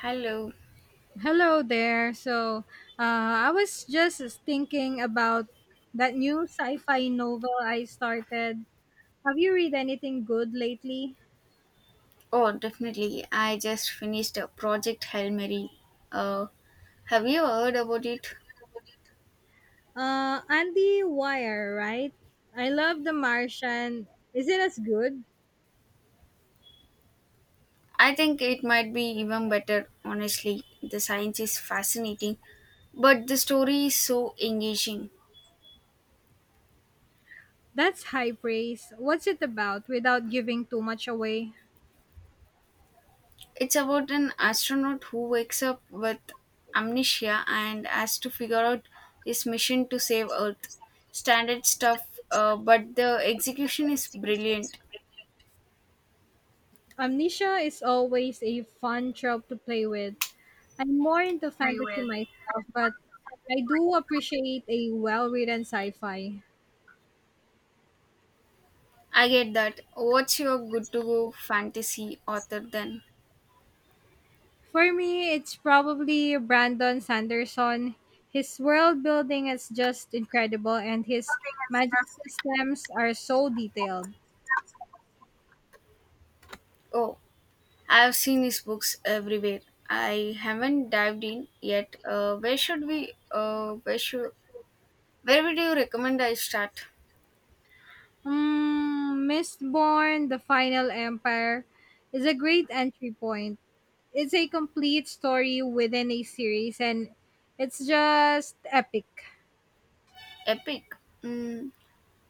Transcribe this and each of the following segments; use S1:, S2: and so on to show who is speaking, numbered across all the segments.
S1: Hello.
S2: Hello there. So, uh, I was just thinking about that new sci-fi novel I started. Have you read anything good lately?
S1: Oh, definitely. I just finished a Project Hail Mary. Uh, have you heard about it?
S2: Andy Wire, right? I love The Martian. Is it as good?
S1: I think it might be even better, honestly. The science is fascinating, but the story is so engaging.
S2: That's high praise. What's it about without giving too much away?
S1: It's about an astronaut who wakes up with amnesia and has to figure out his mission to save Earth. Standard stuff, but the execution is brilliant.
S2: Amnesia is always a fun trope to play with. I'm more into fantasy myself, but I do appreciate a well-written sci-fi.
S1: I get that. What's your good to go fantasy author then?
S2: For me, it's probably Brandon Sanderson. His world building is just incredible, and his magic systems are so detailed.
S1: Oh, I've seen his books everywhere. I haven't dived in yet. Where should we? Where should? Where would you recommend I start?
S2: Mm, Mistborn, The Final Empire, is a great entry point. It's a complete story within a series, and it's just epic.
S1: Epic. Mm,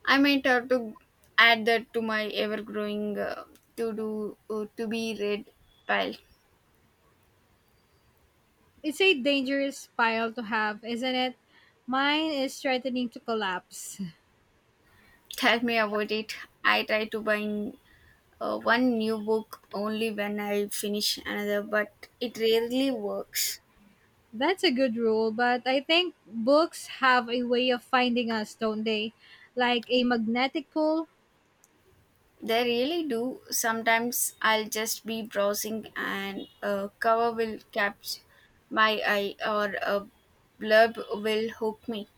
S1: I might have to add that to my ever-growing to-do to-be read pile.
S2: It's a dangerous pile to have, isn't it? Mine is threatening to collapse.
S1: Tell me about it. I try to buy one new book only when I finish another, but it rarely works.
S2: That's a good rule, but I think books have a way of finding us, don't they? Like a magnetic pull.
S1: They really do. Sometimes I'll just be browsing and a cover will catch my eye or a blurb will hook me.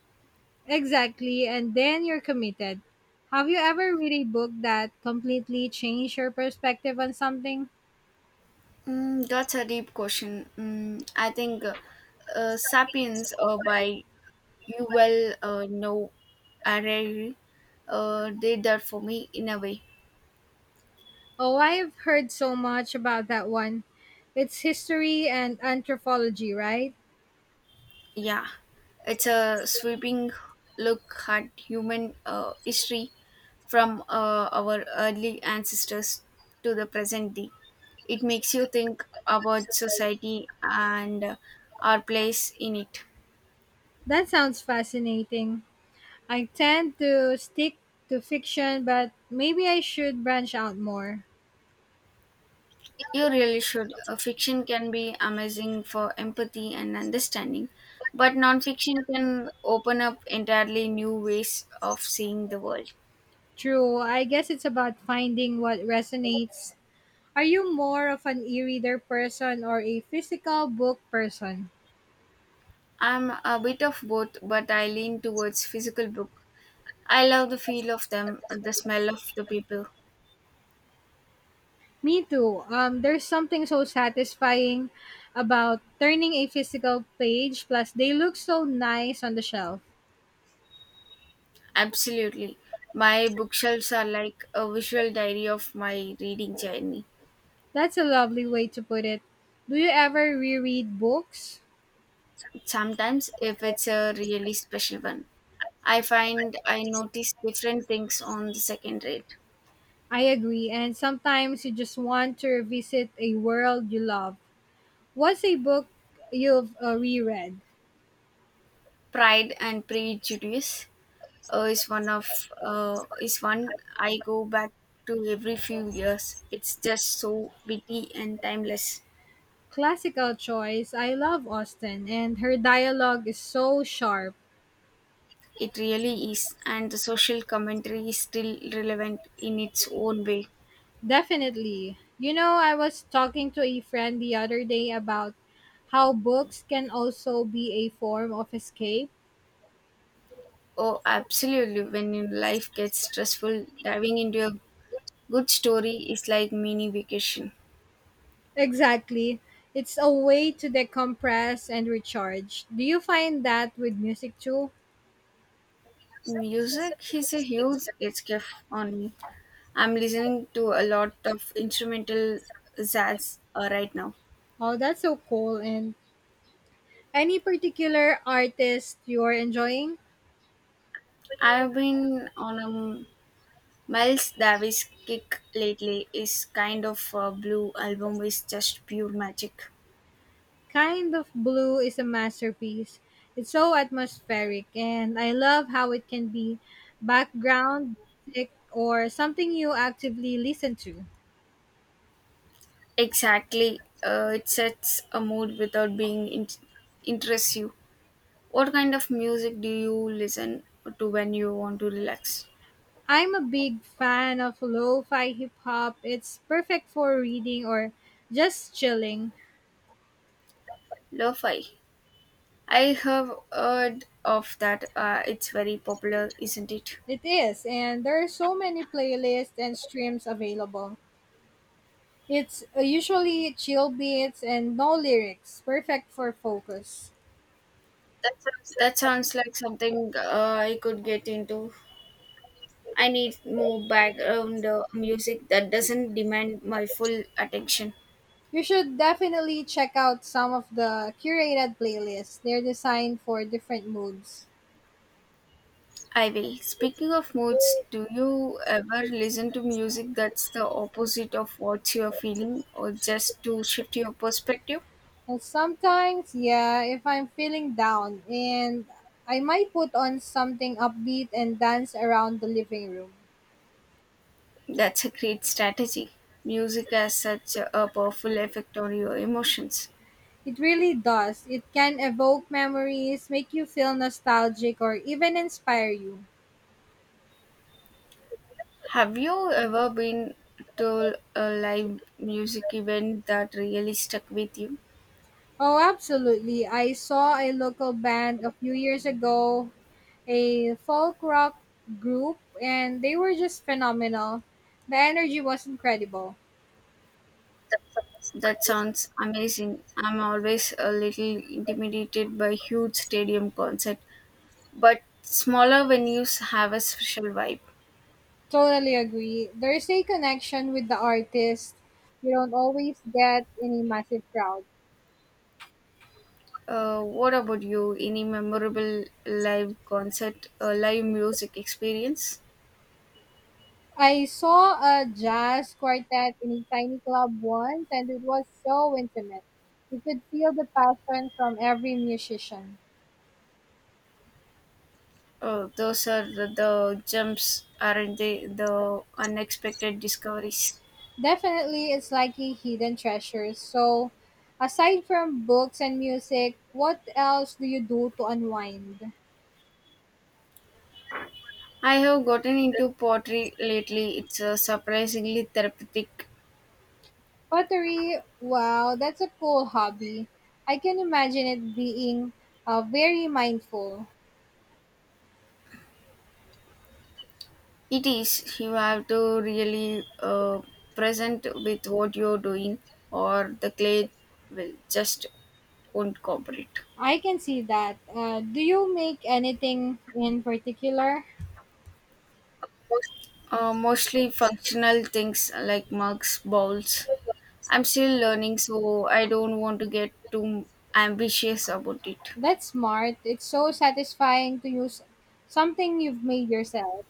S2: Exactly, and then you're committed. Have you ever read a book that completely changed your perspective on something?
S1: Mm, that's a deep question. I think Sapiens by you know, Harari did that for me in a way.
S2: Oh, I have heard so much about that one. It's history and anthropology, right?
S1: Yeah, it's a sweeping look at human history from our early ancestors to the present day. It makes you think about society and our place in it.
S2: That sounds fascinating. I tend to stick to fiction, but maybe I should branch out more.
S1: You really should. Fiction can be amazing for empathy and understanding, but nonfiction can open up entirely new ways of seeing the world.
S2: True. I guess it's about finding what resonates. Are you more of an e-reader person or a physical book person?
S1: I'm a bit of both, but I lean towards physical book. I love the feel of them, the smell of the people.
S2: Me too. There's something so satisfying about turning a physical page, plus they look so nice on the shelf.
S1: Absolutely. My bookshelves are like a visual diary of my reading journey.
S2: That's a lovely way to put it. Do you ever reread books?
S1: Sometimes, if it's a really special one, I find I notice different things on the second read.
S2: I agree, and sometimes you just want to revisit a world you love. What's a book you've reread?
S1: Pride and Prejudice is one I go back to every few years. It's just so witty and timeless.
S2: Classical choice. I love Austen, and her dialogue is so sharp.
S1: It really is, and the social commentary is still relevant in its own way.
S2: Definitely. You know, I was talking to a friend the other day about how books can also be a form of escape.
S1: Oh, absolutely. When your life gets stressful, diving into a good story is like mini vacation.
S2: Exactly. It's a way to decompress and recharge. Do you find that with music too?
S1: Music is a huge escape on me. I'm listening to a lot of instrumental jazz right now.
S2: Oh, that's so cool. And any particular artist you're enjoying?
S1: I've been on a Miles Davis kick lately. His kind of blue album is just pure magic.
S2: Kind of Blue is a masterpiece. It's so atmospheric, and I love how it can be background music or something you actively listen to.
S1: Exactly. It sets a mood without being interests you. What kind of music do you listen to when you want to relax?
S2: I'm a big fan of lo fi hip hop. It's perfect for reading or just chilling.
S1: Lo-fi. I have heard of that. It's very popular, isn't it?
S2: It is, and there are so many playlists and streams available. It's usually chill beats and no lyrics, perfect for focus.
S1: That sounds like something I could get into. I need more background music that doesn't demand my full attention.
S2: You should definitely check out some of the curated playlists. They're designed for different moods.
S1: I will. Speaking of moods, do you ever listen to music that's the opposite of what you're feeling or just to shift your perspective?
S2: And sometimes, yeah, if I'm feeling down and I might put on something upbeat and dance around the living room.
S1: That's a great strategy. Music has such a powerful effect on your emotions.
S2: It really does. It can evoke memories, make you feel nostalgic, or even inspire you.
S1: Have you ever been to a live music event that really stuck with you?
S2: Oh, absolutely. I saw a local band a few years ago, a folk rock group, and they were just phenomenal. The energy was incredible.
S1: That sounds amazing. I'm always a little intimidated by huge stadium concert, but smaller venues have a special vibe.
S2: Totally agree. There's a connection with the artist you don't always get in a massive crowd.
S1: What about you? Any memorable live concert, live music experience?
S2: I saw a jazz quartet in a tiny club once and it was so intimate. You could feel the passion from every musician.
S1: Those are the jumps, aren't they? The unexpected discoveries.
S2: Definitely, it's like a hidden treasure. So, aside from books and music, what else do you do to unwind?
S1: I have gotten into pottery lately. It's surprisingly therapeutic.
S2: Pottery, wow, that's a cool hobby. I can imagine it being very mindful.
S1: It is. You have to really present with what you're doing, or the clay will just won't cooperate.
S2: I can see that. Do you make anything in particular?
S1: Mostly functional things like mugs, bowls, I'm still learning, so I don't want to get too ambitious about it.
S2: That's smart. It's so satisfying to use something you've made yourself.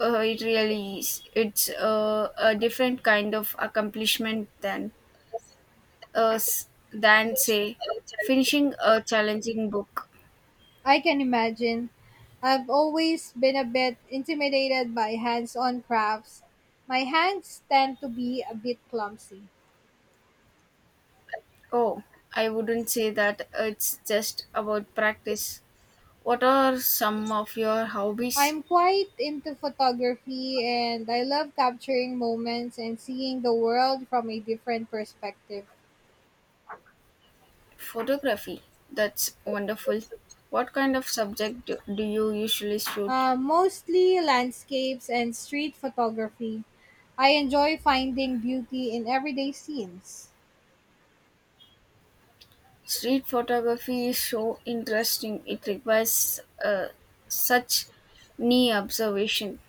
S1: It really is. It's a different kind of accomplishment than than say finishing a challenging book.
S2: I can imagine. I've always been a bit intimidated by hands on crafts. My hands tend to be a bit clumsy.
S1: Oh, I wouldn't say that it's just about practice. What are some of your hobbies?
S2: I'm quite into photography and I love capturing moments and seeing the world from a different perspective.
S1: Photography. That's wonderful. What kind of subject do you usually shoot?
S2: Mostly landscapes and street photography. I enjoy finding beauty in everyday scenes.
S1: Street photography is so interesting. It requires such near observation.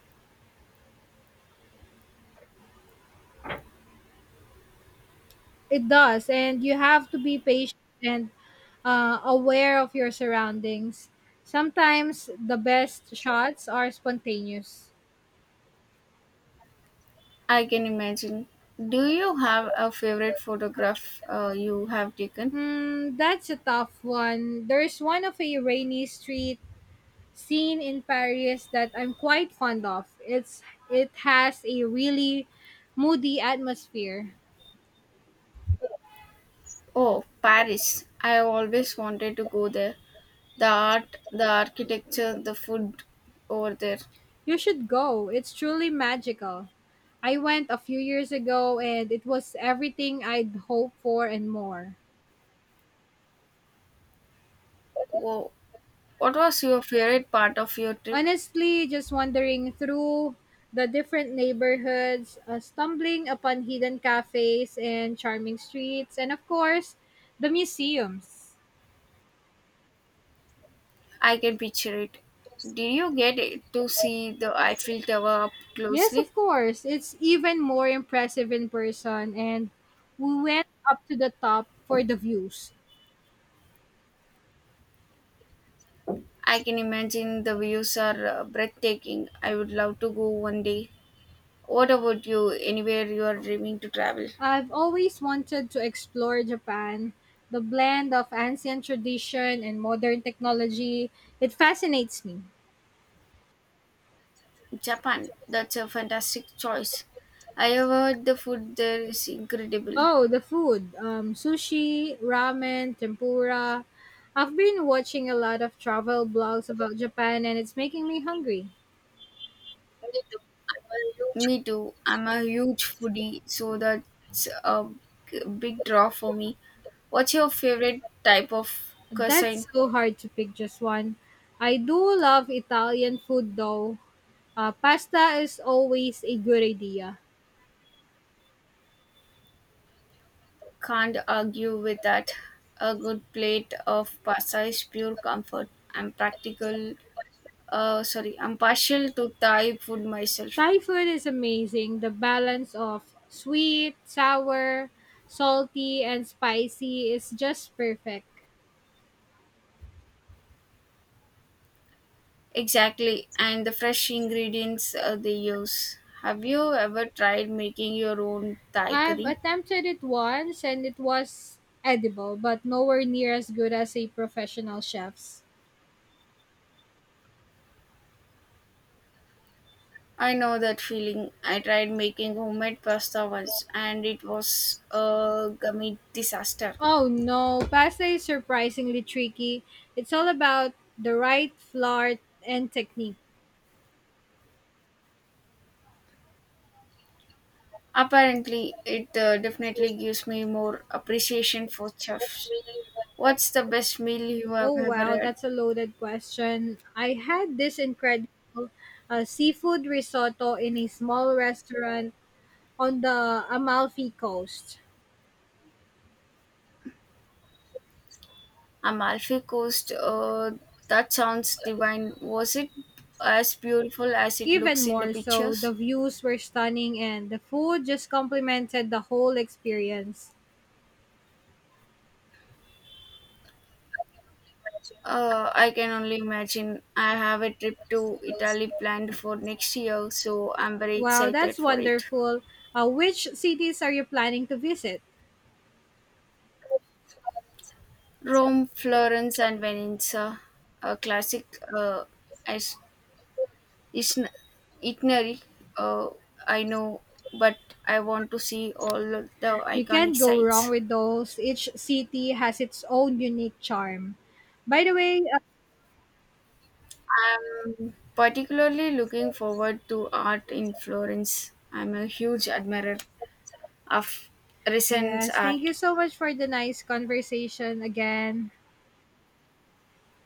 S2: It does, and you have to be patient and aware of your surroundings. Sometimes the best shots are spontaneous.
S1: I can imagine. Do you have a favorite photograph you have taken?
S2: Hmm, that's a tough one. There's one of a rainy street scene in Paris that I'm quite fond of. It has a really moody atmosphere.
S1: Oh, Paris. I have always wanted to go there. The art, the architecture, the food over there.
S2: You should go. It's truly magical. I went a few years ago and it was everything I'd hoped for and more.
S1: Whoa. What was your favorite part of your trip?
S2: Honestly, just wandering through the different neighborhoods, stumbling upon hidden cafes and charming streets, and of course, the museums.
S1: I can picture it. Did you get to see the Eiffel Tower up
S2: Yes,
S1: closely?
S2: of course. It's even more impressive in person, and we went up to the top for the views.
S1: I can imagine the views are breathtaking. I would love to go one day. What about you? Anywhere you are dreaming to travel?
S2: I've always wanted to explore Japan. The blend of ancient tradition and modern technology, it fascinates me.
S1: Japan. That's a fantastic choice. I have heard the food there is incredible.
S2: Oh, the food: sushi, ramen, tempura. I've been watching a lot of travel blogs about Japan, and it's making me hungry.
S1: Me too. I'm a huge foodie, so that's a big draw for me. What's your favorite type of cuisine?
S2: That's so hard to pick just one. I do love Italian food though. Pasta is always a good idea.
S1: Can't argue with that. A good plate of pasta is pure comfort. I'm practical sorry, I'm partial to Thai food myself.
S2: Thai food is amazing. The balance of sweet, sour, salty, and spicy is just perfect.
S1: Exactly, and the fresh ingredients they use. Have you ever tried making your own Thai
S2: I've
S1: curry?
S2: attempted it once and it was edible, but nowhere near as good as a professional chef's.
S1: I know that feeling. I tried making homemade pasta once and it was a gummy disaster.
S2: Oh no, pasta is surprisingly tricky. It's all about the right flour and technique.
S1: Apparently, it definitely gives me more appreciation for chefs. What's the best meal you have
S2: Oh
S1: ever
S2: wow,
S1: had?
S2: that's a loaded question. I had this incredible seafood risotto in a small restaurant on the Amalfi Coast.
S1: Amalfi Coast, that sounds divine. Was it as beautiful as it
S2: Even
S1: looks in the
S2: more so,
S1: pictures?
S2: the views were stunning and the food just complemented the whole experience.
S1: I can only imagine. I have a trip to Italy planned for next year, so I'm very
S2: Wow,
S1: excited
S2: that's
S1: for it.
S2: wonderful. Which cities are you planning to visit?
S1: Rome, Florence, and Venice, a classic as- isn- itinerary. Uh, I know, but I want to see all the
S2: You
S1: iconic
S2: can't go wrong
S1: sites.
S2: with those. Each city has its own unique charm. By the way,
S1: I'm particularly looking forward to art in Florence. I'm a huge admirer of recent
S2: yes, thank
S1: art.
S2: you so much for the nice conversation again.